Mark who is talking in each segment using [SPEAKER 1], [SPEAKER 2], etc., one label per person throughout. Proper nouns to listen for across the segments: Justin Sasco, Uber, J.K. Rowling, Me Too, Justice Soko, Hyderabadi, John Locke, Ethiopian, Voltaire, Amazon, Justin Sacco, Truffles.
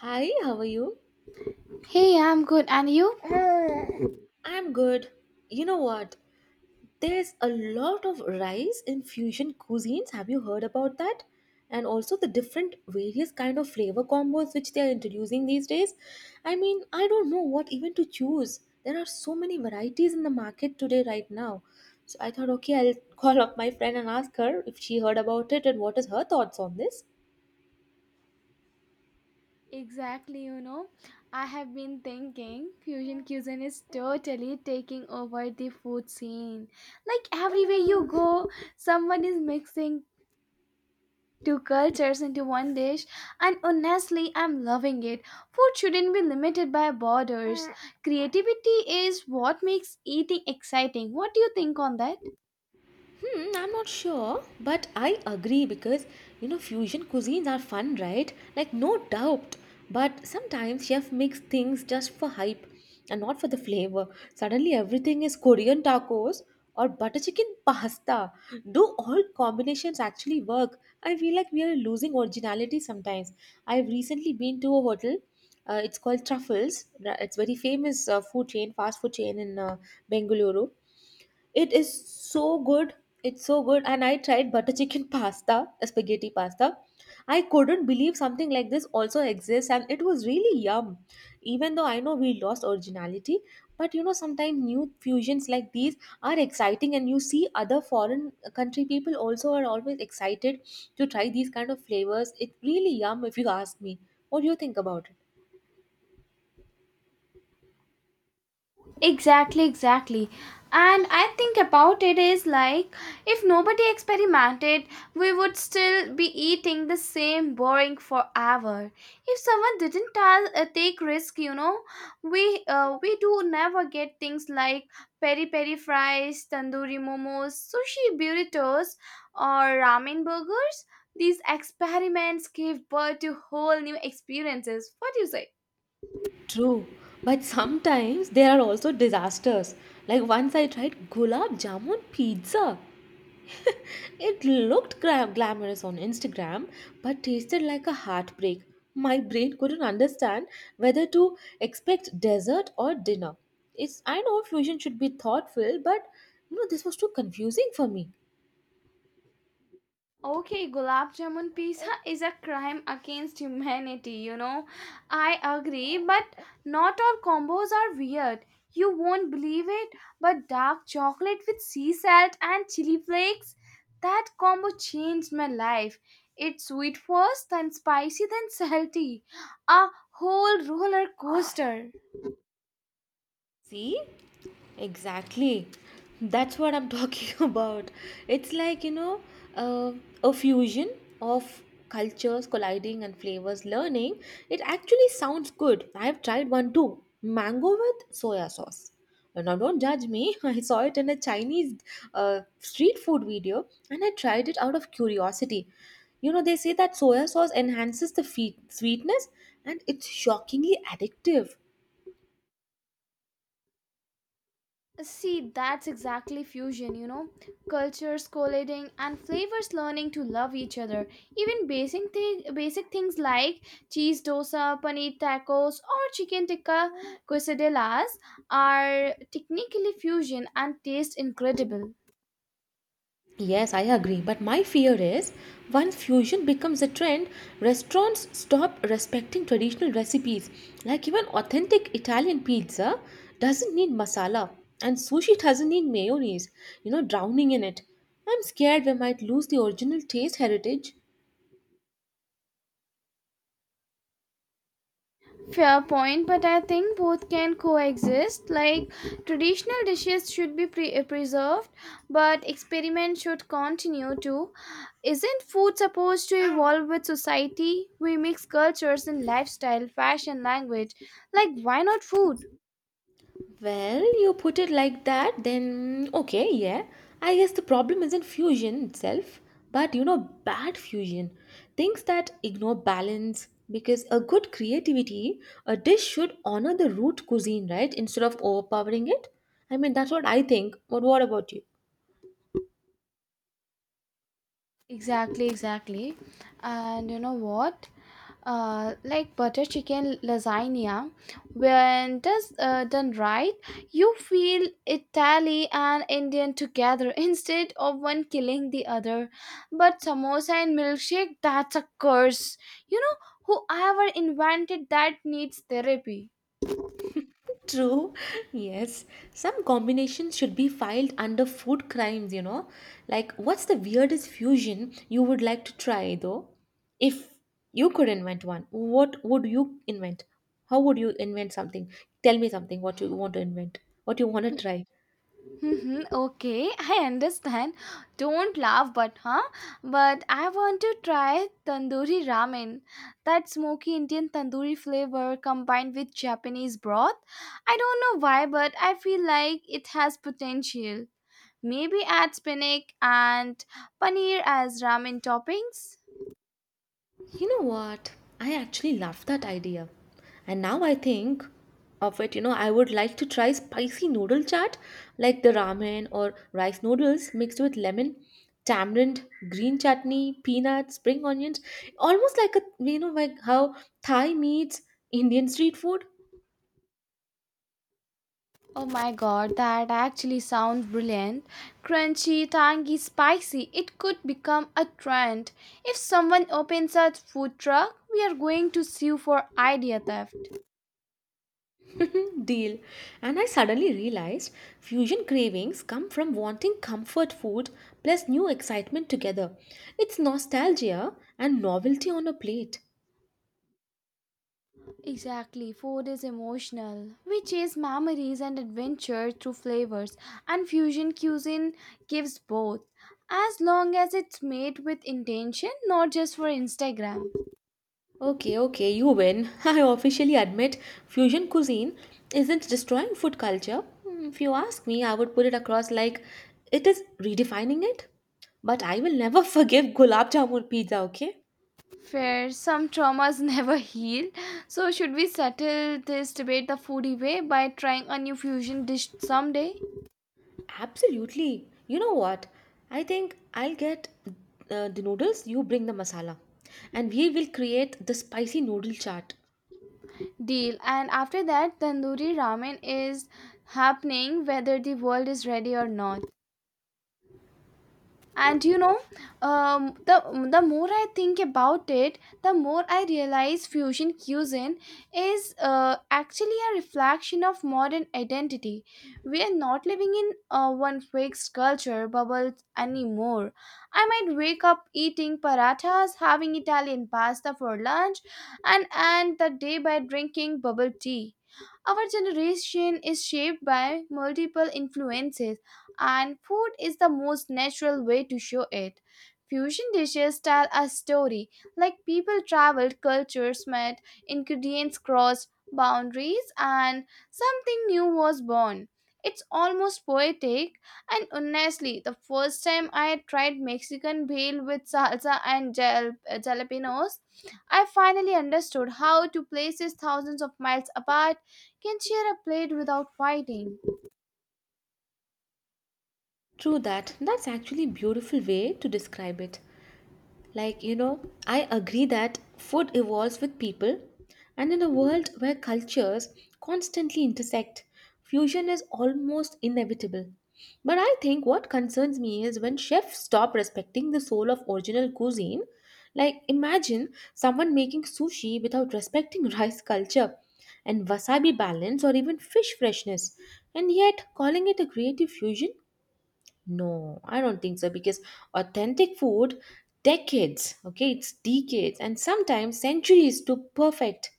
[SPEAKER 1] Hi, how are you?
[SPEAKER 2] Hey, I'm good. And you?
[SPEAKER 1] I'm good. You know what? There's a lot of rice in fusion cuisines. Have you heard about that? And also the different various kind of flavor combos which they are introducing these days. I mean, I don't know what even to choose. There are so many varieties in the market today right now. So I thought, okay, I'll call up my friend and ask her if she heard about it and what is her thoughts on this.
[SPEAKER 2] Exactly, I have been thinking fusion cuisine is totally taking over the food scene. Like everywhere you go, someone is mixing two cultures into one dish, and honestly, I'm loving it. Food shouldn't be limited by borders. Creativity is what makes eating exciting. What do you think on that?
[SPEAKER 1] Hmm, I'm not sure, but I agree because you know fusion cuisines are fun, right? Like no doubt. But sometimes chef makes things just for hype and not for the flavor. Suddenly everything is Korean tacos or butter chicken pasta. Do all combinations actually work? I feel like we are losing originality sometimes. I've recently been to a hotel. It's called Truffles. It's very famous food chain, fast food chain in Bengaluru, it is so good. It's so good. And I tried butter chicken pasta, spaghetti pasta. I couldn't believe something like this also exists, and it was really yum. Even though I know we lost originality, but sometimes new fusions like these are exciting, and you see other foreign country people also are always excited to try these kind of flavors. It's really yum if you ask me. What do you think about it?
[SPEAKER 2] Exactly, exactly. And I think about it is like if nobody experimented, we would still be eating the same boring forever. If someone didn't take risk, we do never get things like peri peri fries, tandoori momos, sushi burritos, or ramen burgers. These experiments give birth to whole new experiences. What do you say?
[SPEAKER 1] True, but sometimes there are also disasters. Like once I tried gulab jamun pizza. It looked glamorous on Instagram, but tasted like a heartbreak. My brain couldn't understand whether to expect dessert or dinner. It's I know fusion should be thoughtful, but you know this was too confusing for me.
[SPEAKER 2] Okay, gulab jamun pizza is a crime against humanity. I agree, but not all combos are weird. You won't believe it, but dark chocolate with sea salt and chili flakes, that combo changed my life. It's sweet first, then spicy, then salty. A whole roller coaster.
[SPEAKER 1] See? Exactly. That's what I'm talking about. It's like, uh, a fusion of cultures colliding and flavors learning. It actually sounds good. I've tried one too mango with soya sauce. Now, don't judge me. I saw it in a Chinese street food video and I tried it out of curiosity. They say that soya sauce enhances the sweetness and it's shockingly addictive.
[SPEAKER 2] See, that's exactly fusion. Cultures colliding and flavors learning to love each other. Even basic things like cheese dosa, paneer tacos, or chicken tikka quesadillas are technically fusion and taste incredible.
[SPEAKER 1] Yes, I agree. But my fear is once fusion becomes a trend, restaurants stop respecting traditional recipes. Like even authentic Italian pizza doesn't need masala, and sushi doesn't need mayonnaise, drowning in it. I'm scared we might lose the original taste heritage.
[SPEAKER 2] Fair point, but I think both can coexist. Like traditional dishes should be preserved, but experiment should continue too. Isn't food supposed to evolve with society? We mix cultures in lifestyle, fashion, language. Like why not food?
[SPEAKER 1] Well, you put it like that, then okay, yeah. I guess the problem isn't fusion itself, but bad fusion. Things that ignore balance, because a good creativity, a dish should honor the root cuisine, right? Instead of overpowering it. I mean, that's what I think. But what about you?
[SPEAKER 2] Exactly, exactly. And you know what? Like butter chicken lasagna, when does done right, you feel Italy and Indian together instead of one killing the other. But samosa and milkshake, that's a curse. You know, whoever invented that needs therapy.
[SPEAKER 1] True, yes. Some combinations should be filed under food crimes. Like, what's the weirdest fusion you would like to try, though? If you could invent one, what would you invent? How would you invent something? Tell me something what you want to invent, what you want to try.
[SPEAKER 2] Mhm, okay, I understand. Don't laugh, but huh? But I want to try tandoori ramen. That smoky Indian tandoori flavor combined with Japanese broth. I don't know why, but I feel like it has potential. Maybe add spinach and paneer as ramen toppings.
[SPEAKER 1] You know what? I actually love that idea. And now I think of it, I would like to try spicy noodle chaat like the ramen or rice noodles mixed with lemon, tamarind, green chutney, peanuts, spring onions, almost like a like how Thai meets Indian street food.
[SPEAKER 2] Oh my god, that actually sounds brilliant. Crunchy, tangy, spicy. It could become a trend. If someone opens a food truck, we are going to sue for idea theft.
[SPEAKER 1] Deal. And I suddenly realized fusion cravings come from wanting comfort food plus new excitement together. It's nostalgia and novelty on a plate.
[SPEAKER 2] Exactly, food is emotional. We chase memories and adventure through flavors, and fusion cuisine gives both. As long as it's made with intention, not just for Instagram.
[SPEAKER 1] Okay, okay, you win. I officially admit fusion cuisine isn't destroying food culture. If you ask me, I would put it across like it is redefining it. But I will never forgive gulab jamun pizza, okay?
[SPEAKER 2] Fair. Some traumas never heal. So, should we settle this debate the foodie way by trying a new fusion dish someday?
[SPEAKER 1] Absolutely. You know what? I think I'll get the noodles, you bring the masala. And we will create the spicy noodle chart.
[SPEAKER 2] Deal. And after that, tandoori ramen is happening whether the world is ready or not. And the more I think about it, the more I realize fusion cuisine is actually a reflection of modern identity. We are not living in one fixed culture bubble anymore. I might wake up eating parathas, having Italian pasta for lunch, and end the day by drinking bubble tea. Our generation is shaped by multiple influences, and food is the most natural way to show it. Fusion dishes tell a story, like people traveled, cultures met, ingredients crossed boundaries, and something new was born. It's almost poetic, and honestly, the first time I tried Mexican bale with salsa and jalapenos, I finally understood how two places thousands of miles apart can share a plate without fighting.
[SPEAKER 1] True that. That's actually a beautiful way to describe it. Like, I agree that food evolves with people, and in a world where cultures constantly intersect, fusion is almost inevitable. But I think what concerns me is when chefs stop respecting the soul of original cuisine. Like, imagine someone making sushi without respecting rice culture and wasabi balance or even fish freshness, and yet calling it a creative fusion. No, I don't think so, because authentic food decades, okay, it's decades and sometimes centuries to perfect.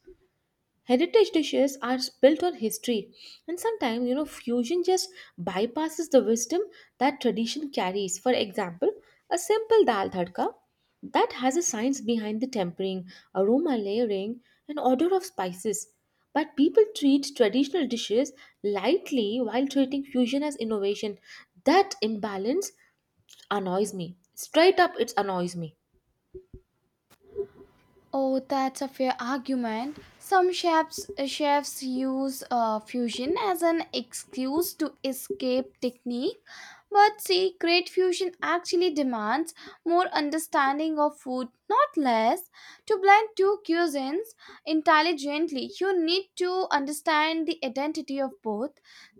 [SPEAKER 1] Heritage dishes are built on history, and sometimes fusion just bypasses the wisdom that tradition carries. For example, a simple dal tadka that has a science behind the tempering, aroma layering, and order of spices. But people treat traditional dishes lightly while treating fusion as innovation. That imbalance annoys me. Straight up, it annoys me.
[SPEAKER 2] Oh, that's a fair argument. Some chefs use fusion as an excuse to escape technique, but see, great fusion actually demands more understanding of food, not less. To blend two cuisines intelligently, you need to understand the identity of both,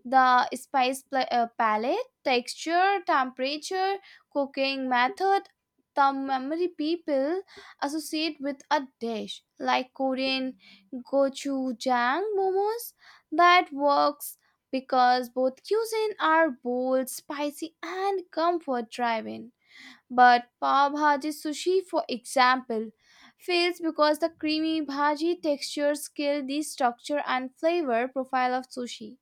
[SPEAKER 2] the spice palette, texture, temperature, cooking method. The memory people associate with a dish like Korean gochujang momos that works because both cuisine are bold, spicy, and comfort driving. But pav bhaji sushi, for example, fails because the creamy bhaji textures kill the structure and flavor profile of sushi.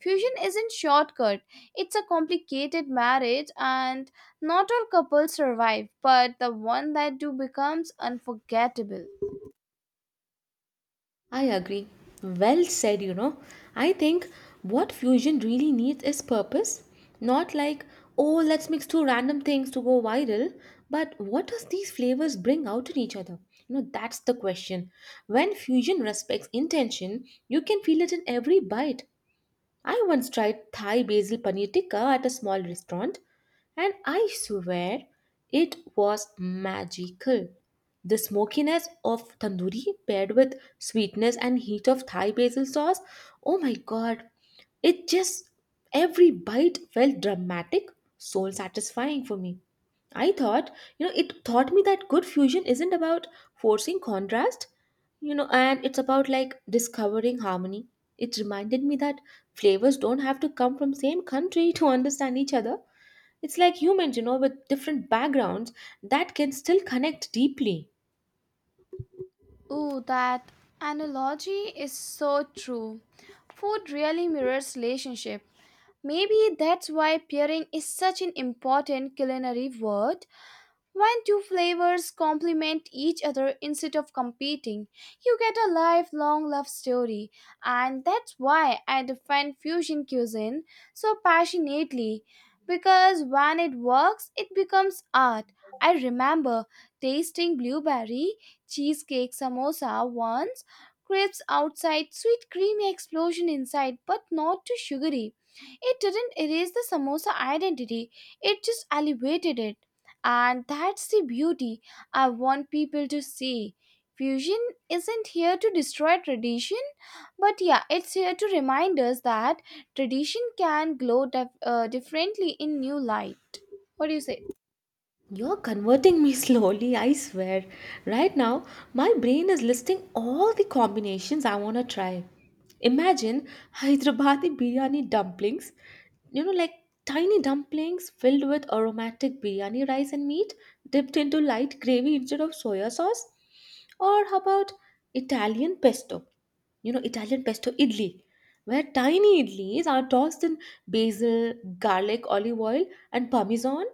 [SPEAKER 2] Fusion isn't shortcut, it's a complicated marriage and not all couples survive, but the one that do becomes unforgettable.
[SPEAKER 1] I agree. Well said. I think what fusion really needs is purpose. Not like, oh, let's mix two random things to go viral, but what does these flavors bring out in each other? That's the question. When fusion respects intention, you can feel it in every bite. I once tried Thai basil paneer tikka at a small restaurant and I swear it was magical. The smokiness of tandoori paired with sweetness and heat of Thai basil sauce, oh my god, it just every bite felt dramatic, soul satisfying for me. I thought, it taught me that good fusion isn't about forcing contrast. And it's about like discovering harmony. It reminded me that flavors don't have to come from same country to understand each other. It's like humans, with different backgrounds that can still connect deeply.
[SPEAKER 2] Ooh, that analogy is so true. Food really mirrors relationship. Maybe that's why pairing is such an important culinary word. When two flavors complement each other instead of competing, you get a lifelong love story, and that's why I defend fusion cuisine so passionately. Because when it works, it becomes art. I remember tasting blueberry cheesecake samosa once, crisps outside, sweet creamy explosion inside, but not too sugary. It didn't erase the samosa identity, it just elevated it and that's the beauty I want people to see. Fusion isn't here to destroy tradition, but yeah, it's here to remind us that tradition can glow differently in new light. What do you say?
[SPEAKER 1] You're converting me slowly, I swear. Right now, my brain is listing all the combinations I want to try. Imagine Hyderabadi biryani dumplings, like tiny dumplings filled with aromatic biryani rice and meat dipped into light gravy instead of soya sauce. Or how about Italian pesto? Italian pesto idli, where tiny idlis are tossed in basil, garlic, olive oil, and parmesan.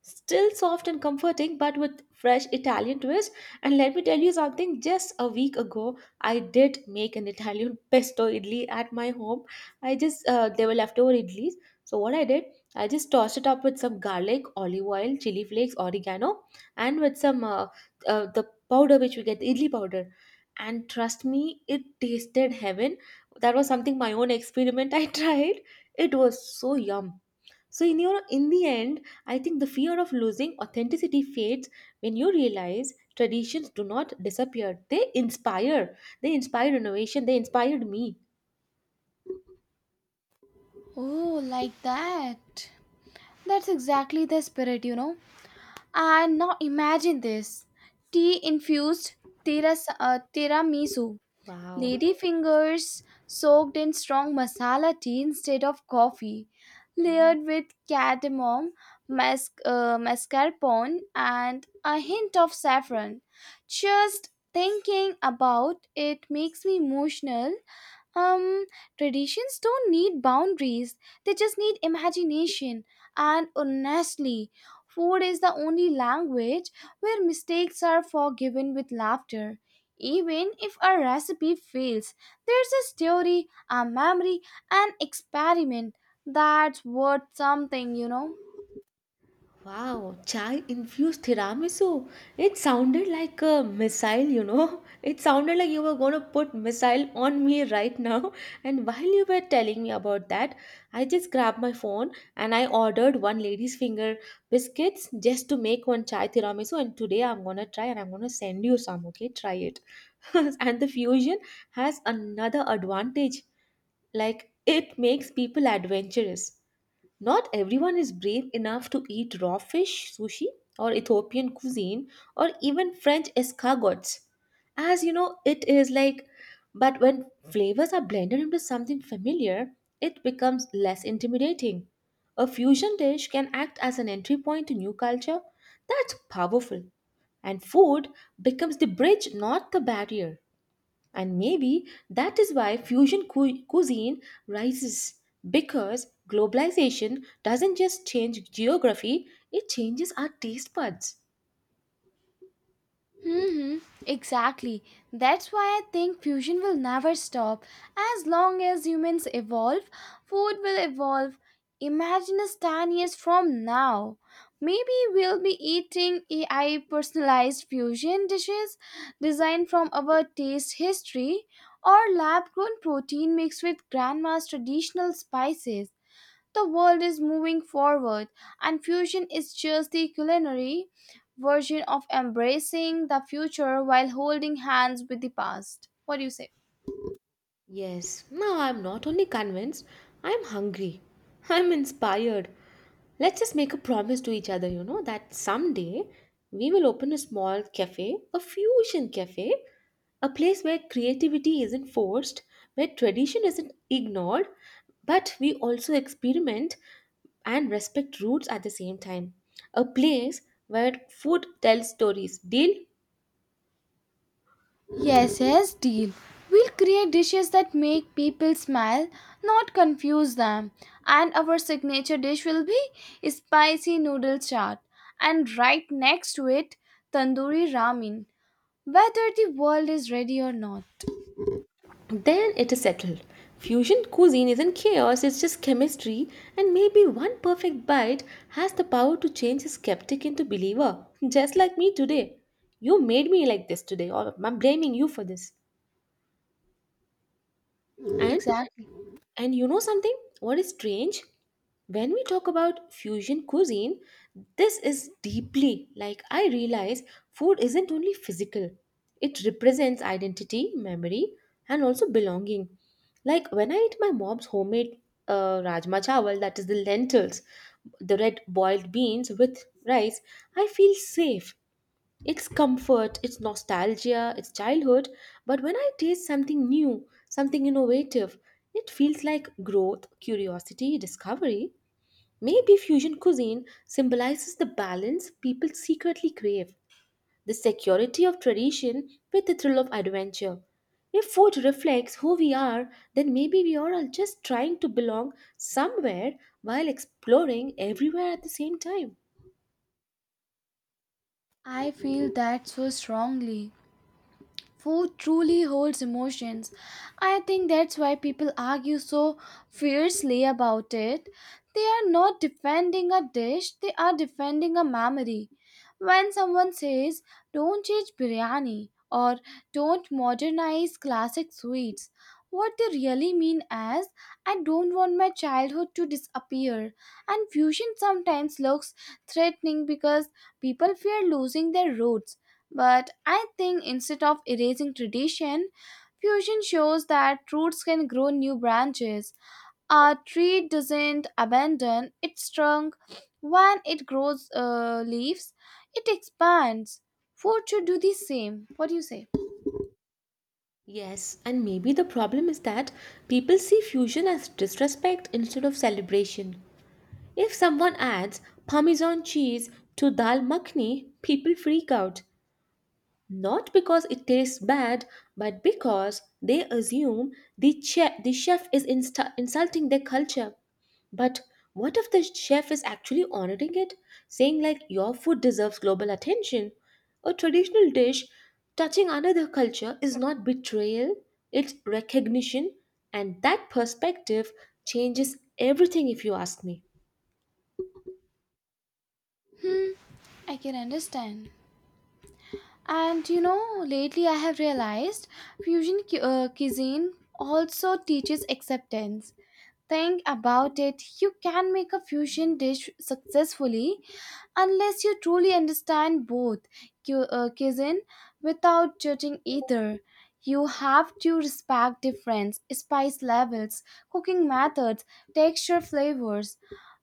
[SPEAKER 1] Still soft and comforting, but with fresh Italian twist. And let me tell you something, just a week ago, I did make an Italian pesto idli at my home. I just, they were leftover idlis. So, what I did, I just tossed it up with some garlic, olive oil, chili flakes, oregano, and with some, the powder which we get, the idli powder. And trust me, it tasted heaven. That was something my own experiment I tried. It was so yum. So in the end, I think the fear of losing authenticity fades when you realize traditions do not disappear. They inspire. They inspire innovation. They inspired me.
[SPEAKER 2] Oh, like that. That's exactly the spirit. And now imagine this tea infused tiramisu.
[SPEAKER 1] Wow.
[SPEAKER 2] Ladyfingers soaked in strong masala tea instead of coffee,
[SPEAKER 1] Hmm.
[SPEAKER 2] layered with cardamom, mascarpone, and a hint of saffron. Just thinking about it makes me emotional. um, Traditions don't need boundaries, they just need imagination. And honestly, food is the only language where mistakes are forgiven with laughter. Even if a recipe fails, there's a story, a memory, an experiment that's worth something.
[SPEAKER 1] Wow, chai infused tiramisu. It sounded like a missile. It sounded like you were going to put missile on me right now. And while you were telling me about that, I just grabbed my phone and I ordered one lady's finger biscuits just to make one chai tiramisu. And today I'm going to try and I'm going to send you some, okay? Try it. And the fusion has another advantage. Like it makes people adventurous. Not everyone is brave enough to eat raw fish, sushi, or Ethiopian cuisine, or even French escargots. As you know, it is like, but when flavors are blended into something familiar, it becomes less intimidating. A fusion dish can act as an entry point to new culture. That's powerful. And food becomes the bridge, not the barrier. And maybe that is why fusion cuisine rises because globalization doesn't just change geography, it changes our taste buds.
[SPEAKER 2] hmm Exactly. That's why I think fusion will never stop. As long as humans evolve, food will evolve. Imagine us 10 years from now. Maybe we'll be eating AI personalized fusion dishes designed from our taste history or lab grown protein mixed with grandma's traditional spices. The world is moving forward, and fusion is just the culinary version of embracing the future while holding hands with the past. What do you say?
[SPEAKER 1] Yes, now I'm not only convinced, I'm hungry. I'm inspired. Let's just make a promise to each other, that someday we will open a small cafe, a fusion cafe, a place where creativity isn't forced, where tradition isn't ignored, but we also experiment and respect roots at the same time. A place where food tells stories. Deal?
[SPEAKER 2] Yes, yes, deal. We'll create dishes that make people smile, not confuse them. And our signature dish will be spicy noodle chaat. And right next to it, tandoori ramen. Whether the world is ready or not.
[SPEAKER 1] Then it is settled. Fusion cuisine isn't chaos, it's just chemistry, and maybe one perfect bite has the power to change a skeptic into believer, just like me today. You made me like this today, or I'm blaming you for this. And
[SPEAKER 2] Exactly.
[SPEAKER 1] And you know something? What is strange? When we talk about fusion cuisine, this is deeply like I realize food isn't only physical, it represents identity, memory, and also belonging. Like when I eat my mom's homemade rajma chawal, that is the lentils, the red boiled beans with rice, I feel safe. It's comfort, it's nostalgia, it's childhood. But when I taste something new, something innovative, it feels like growth, curiosity, discovery. Maybe fusion cuisine symbolizes the balance people secretly crave, the security of tradition with the thrill of adventure. If food reflects who we are, then maybe we are all just trying to belong somewhere while exploring everywhere at the same time.
[SPEAKER 2] I feel that so strongly. Food truly holds emotions. I think that's why people argue so fiercely about it. They are not defending a dish, they are defending a memory. When someone says, don't change biryani or don't modernize classic sweets, what they really mean is, I don't want my childhood to disappear. And fusion sometimes looks threatening because people fear losing their roots. But I think instead of erasing tradition, fusion shows that roots can grow new branches. A tree doesn't abandon its trunk when it grows leaves, it expands. Food should do the same. What do you say?
[SPEAKER 1] Yes, and maybe the problem is that people see fusion as disrespect instead of celebration. If someone adds Parmesan cheese to dal makhni, people freak out not because it tastes bad, but because they assume the chef is insta insulting their culture. But what if the chef is actually honoring it, saying like your food deserves global attention? A traditional dish touching another culture is not betrayal, it's recognition, and that perspective changes everything if you ask me.
[SPEAKER 2] Hmm, I can understand. And lately I have realized fusion cuisine also teaches acceptance. Think about it, you can make a fusion dish successfully unless you truly understand both cuisine without judging either. You have to respect difference, spice levels, cooking methods, texture, flavors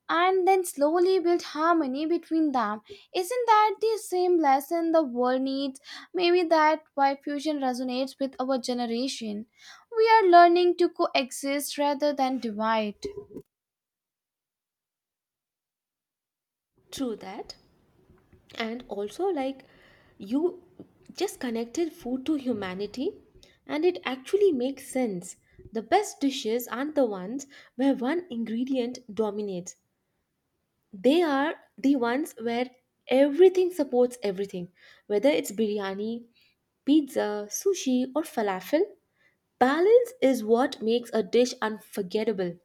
[SPEAKER 2] and then slowly build harmony between them. Isn't that the same lesson the world needs? Maybe that why fusion resonates with our generation. We are learning to coexist rather than divide.
[SPEAKER 1] True that. And also like you just connected food to humanity, and it actually makes sense. The best dishes aren't the ones where one ingredient dominates, they are the ones where everything supports everything, whether it's biryani, pizza, sushi or falafel. Balance is what makes a dish unforgettable.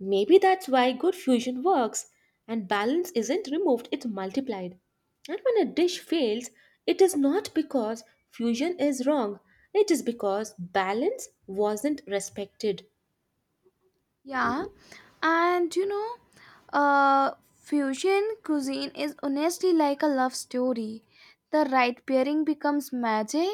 [SPEAKER 1] Maybe that's why good fusion works and balance isn't removed, it's multiplied. And when a dish fails, it is not because fusion is wrong, it is because balance wasn't respected.
[SPEAKER 2] Yeah, and fusion cuisine is honestly like a love story. The right pairing becomes magic,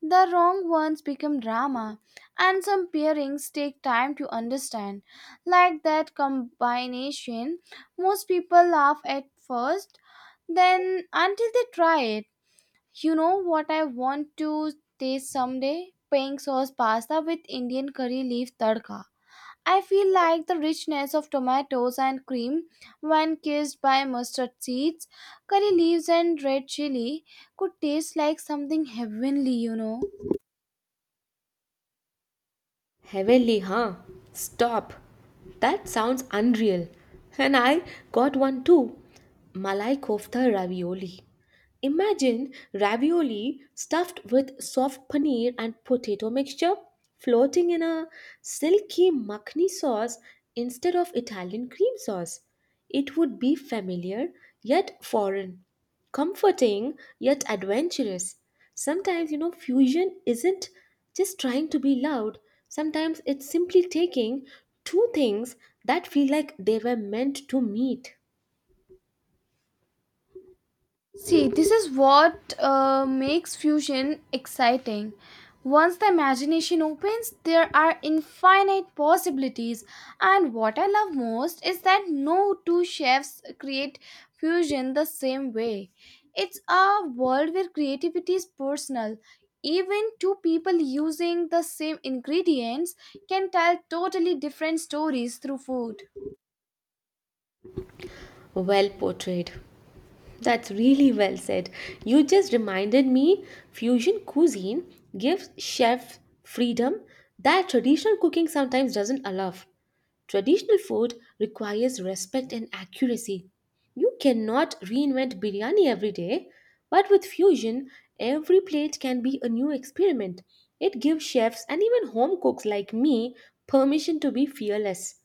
[SPEAKER 2] the wrong ones become drama, and some pairings take time to understand. Like that combination, most people laugh at first, then until they try it. You know what I want to taste someday? Pink sauce pasta with Indian curry leaf tadka. I feel like the richness of tomatoes and cream when kissed by mustard seeds, curry leaves, and red chili could taste like something heavenly.
[SPEAKER 1] Heavenly, huh? Stop. That sounds unreal. And I got one too. Malai kofta ravioli. Imagine ravioli stuffed with soft paneer and potato mixture floating in a silky makhni sauce instead of Italian cream sauce. It would be familiar yet foreign, comforting yet adventurous. Sometimes, you know, fusion isn't just trying to be loud, sometimes it's simply taking two things that feel like they were meant to meet.
[SPEAKER 2] See, this is what makes fusion exciting. Once the imagination opens, there are infinite possibilities. And what I love most is that no two chefs create fusion the same way. It's a world where creativity is personal. Even two people using the same ingredients can tell totally different stories through food.
[SPEAKER 1] Well portrayed. That's really well said. You just reminded me fusion cuisine gives chef freedom that traditional cooking sometimes doesn't allow. Traditional food requires respect and accuracy. You cannot reinvent biryani every day, but with fusion, every plate can be a new experiment. It gives chefs and even home cooks like me permission to be fearless.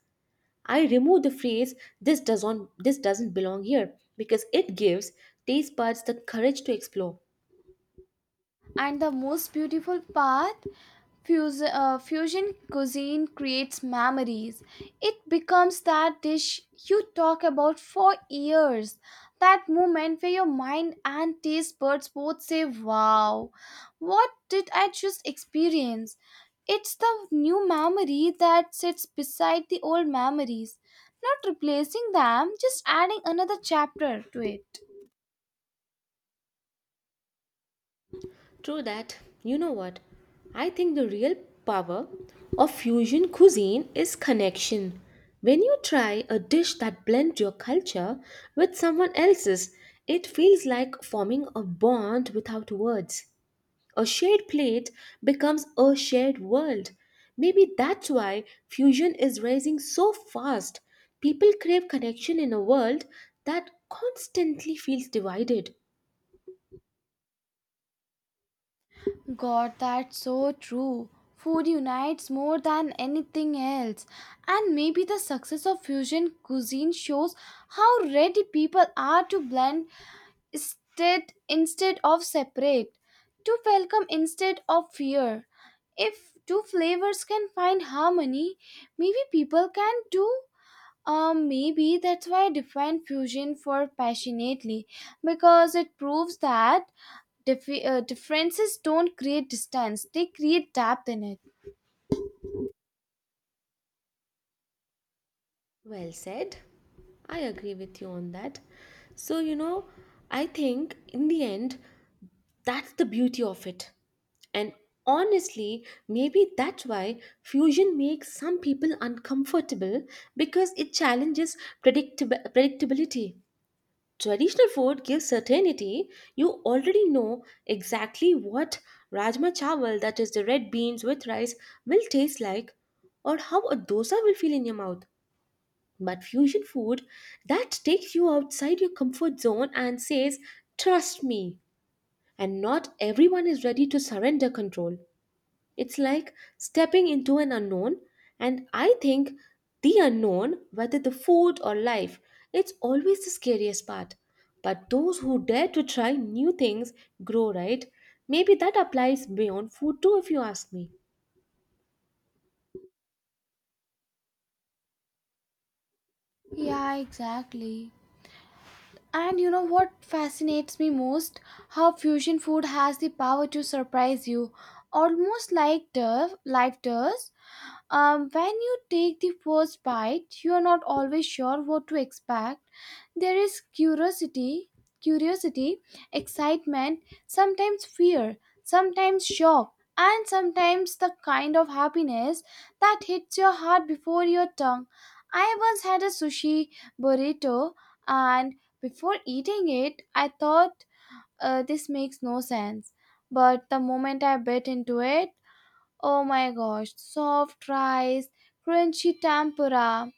[SPEAKER 1] I remove the phrase this doesn't belong here because it gives taste buds the courage to explore.
[SPEAKER 2] And the most beautiful part, fusion cuisine creates memories. It becomes that dish you talk about for years. That moment where your mind and taste buds both say, wow, what did I just experience? It's the new memory that sits beside the old memories, not replacing them, just adding another chapter to it.
[SPEAKER 1] True that. You know what? I think the real power of fusion cuisine is connection. When you try a dish that blends your culture with someone else's, it feels like forming a bond without words. A shared plate becomes a shared world. Maybe that's why fusion is rising so fast. People crave connection in a world that constantly feels divided.
[SPEAKER 2] God, that's so true. Food unites more than anything else. And maybe the success of fusion cuisine shows how ready people are to blend instead of separate, to welcome instead of fear. If two flavors can find harmony, maybe people can do maybe that's why I define fusion for passionately because it proves that differences don't create distance, they create depth in it.
[SPEAKER 1] Well said. I agree with you on that. So, you know, I think in the end, that's the beauty of it. And honestly, maybe that's why fusion makes some people uncomfortable because it challenges predictability. Traditional food gives certainty. You already know exactly what rajma chawal, that is the red beans with rice, will taste like, or how a dosa will feel in your mouth. But fusion food that takes you outside your comfort zone and says, trust me. And not everyone is ready to surrender control. It's like stepping into an unknown, and I think the unknown, whether the food or life, it's always the scariest part. But those who dare to try new things grow, right? Maybe that applies beyond food too, if you ask me.
[SPEAKER 2] Yeah, exactly. And you know what fascinates me most? How fusion food has the power to surprise you, almost like life does. When you take the first bite, you are not always sure what to expect. There is curiosity, excitement, sometimes fear, sometimes shock, and sometimes the kind of happiness that hits your heart before your tongue. I once had a sushi burrito and before eating it, I thought this makes no sense. But the moment I bit into it, oh my gosh, soft rice, crunchy tempura,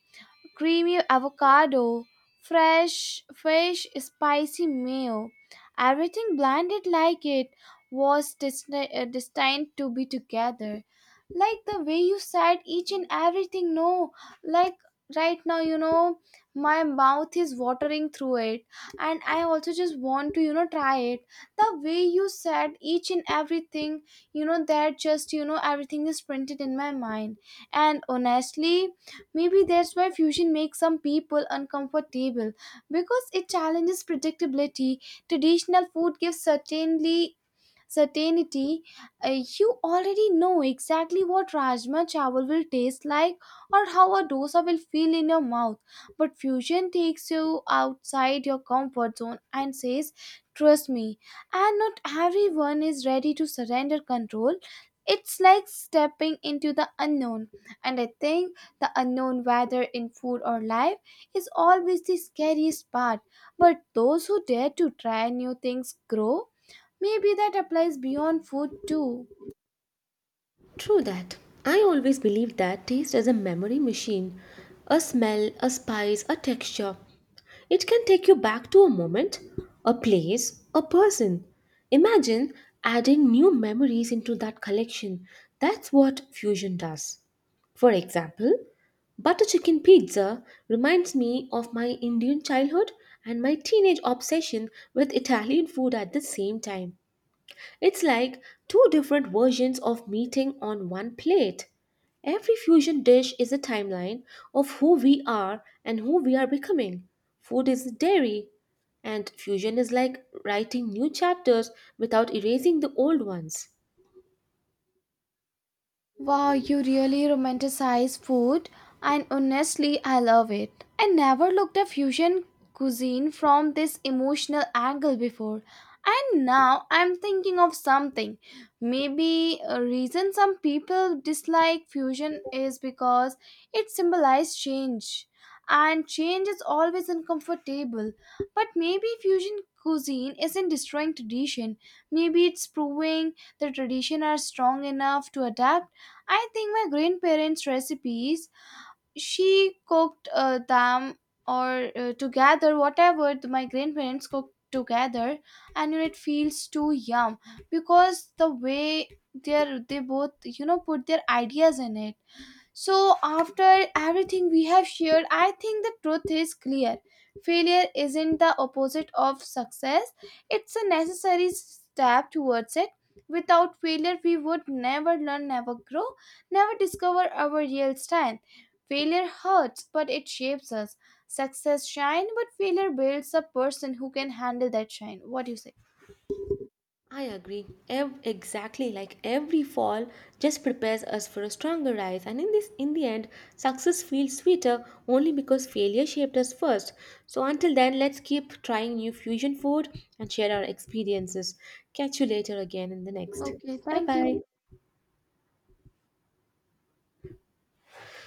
[SPEAKER 2] creamy avocado, fresh fish, spicy mayo. Everything blended like it was destined, destined to be together. Like the way you said each and everything, no, like right now, my mouth is watering through it, and I also just want to, try it. The way you said each and everything, that just, everything is printed in my mind. And honestly, maybe that's why fusion makes some people uncomfortable because it challenges predictability. Traditional food gives certainly certainty, you already know exactly what rajma chawal will taste like or how a dosa will feel in your mouth. But fusion takes you outside your comfort zone and says, trust me. And not everyone is ready to surrender control. It's like stepping into the unknown. And I think the unknown, whether in food or life, is always the scariest part. But those who dare to try new things grow. Maybe that applies beyond food too.
[SPEAKER 1] True that. I always believe that taste is a memory machine. A smell, a spice, a texture. It can take you back to a moment, a place, a person. Imagine adding new memories into that collection. That's what fusion does. For example, butter chicken pizza reminds me of my Indian childhood and my teenage obsession with Italian food at the same time. It's like two different versions of meeting on one plate. Every fusion dish is a timeline of who we are and who we are becoming. Food is a diary, and fusion is like writing new chapters without erasing the old ones.
[SPEAKER 2] Wow, you really romanticize food, and honestly, I love it. I never looked at fusion cuisine from this emotional angle before, and now I'm thinking of something. Maybe a reason some people dislike fusion is because it symbolizes change, and change is always uncomfortable. But maybe fusion cuisine isn't destroying tradition, maybe it's proving the tradition are strong enough to adapt. I think my grandparents' recipes, she cooked them or together, whatever my grandparents cooked together, and it feels too yum because the way they're, they both, put their ideas in it. So, after everything we have shared, I think the truth is clear. Failure isn't the opposite of success, it's a necessary step towards it. Without failure, we would never learn, never grow, never discover our real strength. Failure hurts, but it shapes us. Success shine, but failure builds a person who can handle that shine. What do you say?
[SPEAKER 1] I agree. Exactly, like every fall just prepares us for a stronger rise, and in the end success feels sweeter only because failure shaped us first. So until then, let's keep trying new fusion food and share our experiences. Catch you later again in the next.
[SPEAKER 2] Okay,
[SPEAKER 1] Bye
[SPEAKER 2] thank
[SPEAKER 1] bye.
[SPEAKER 2] you.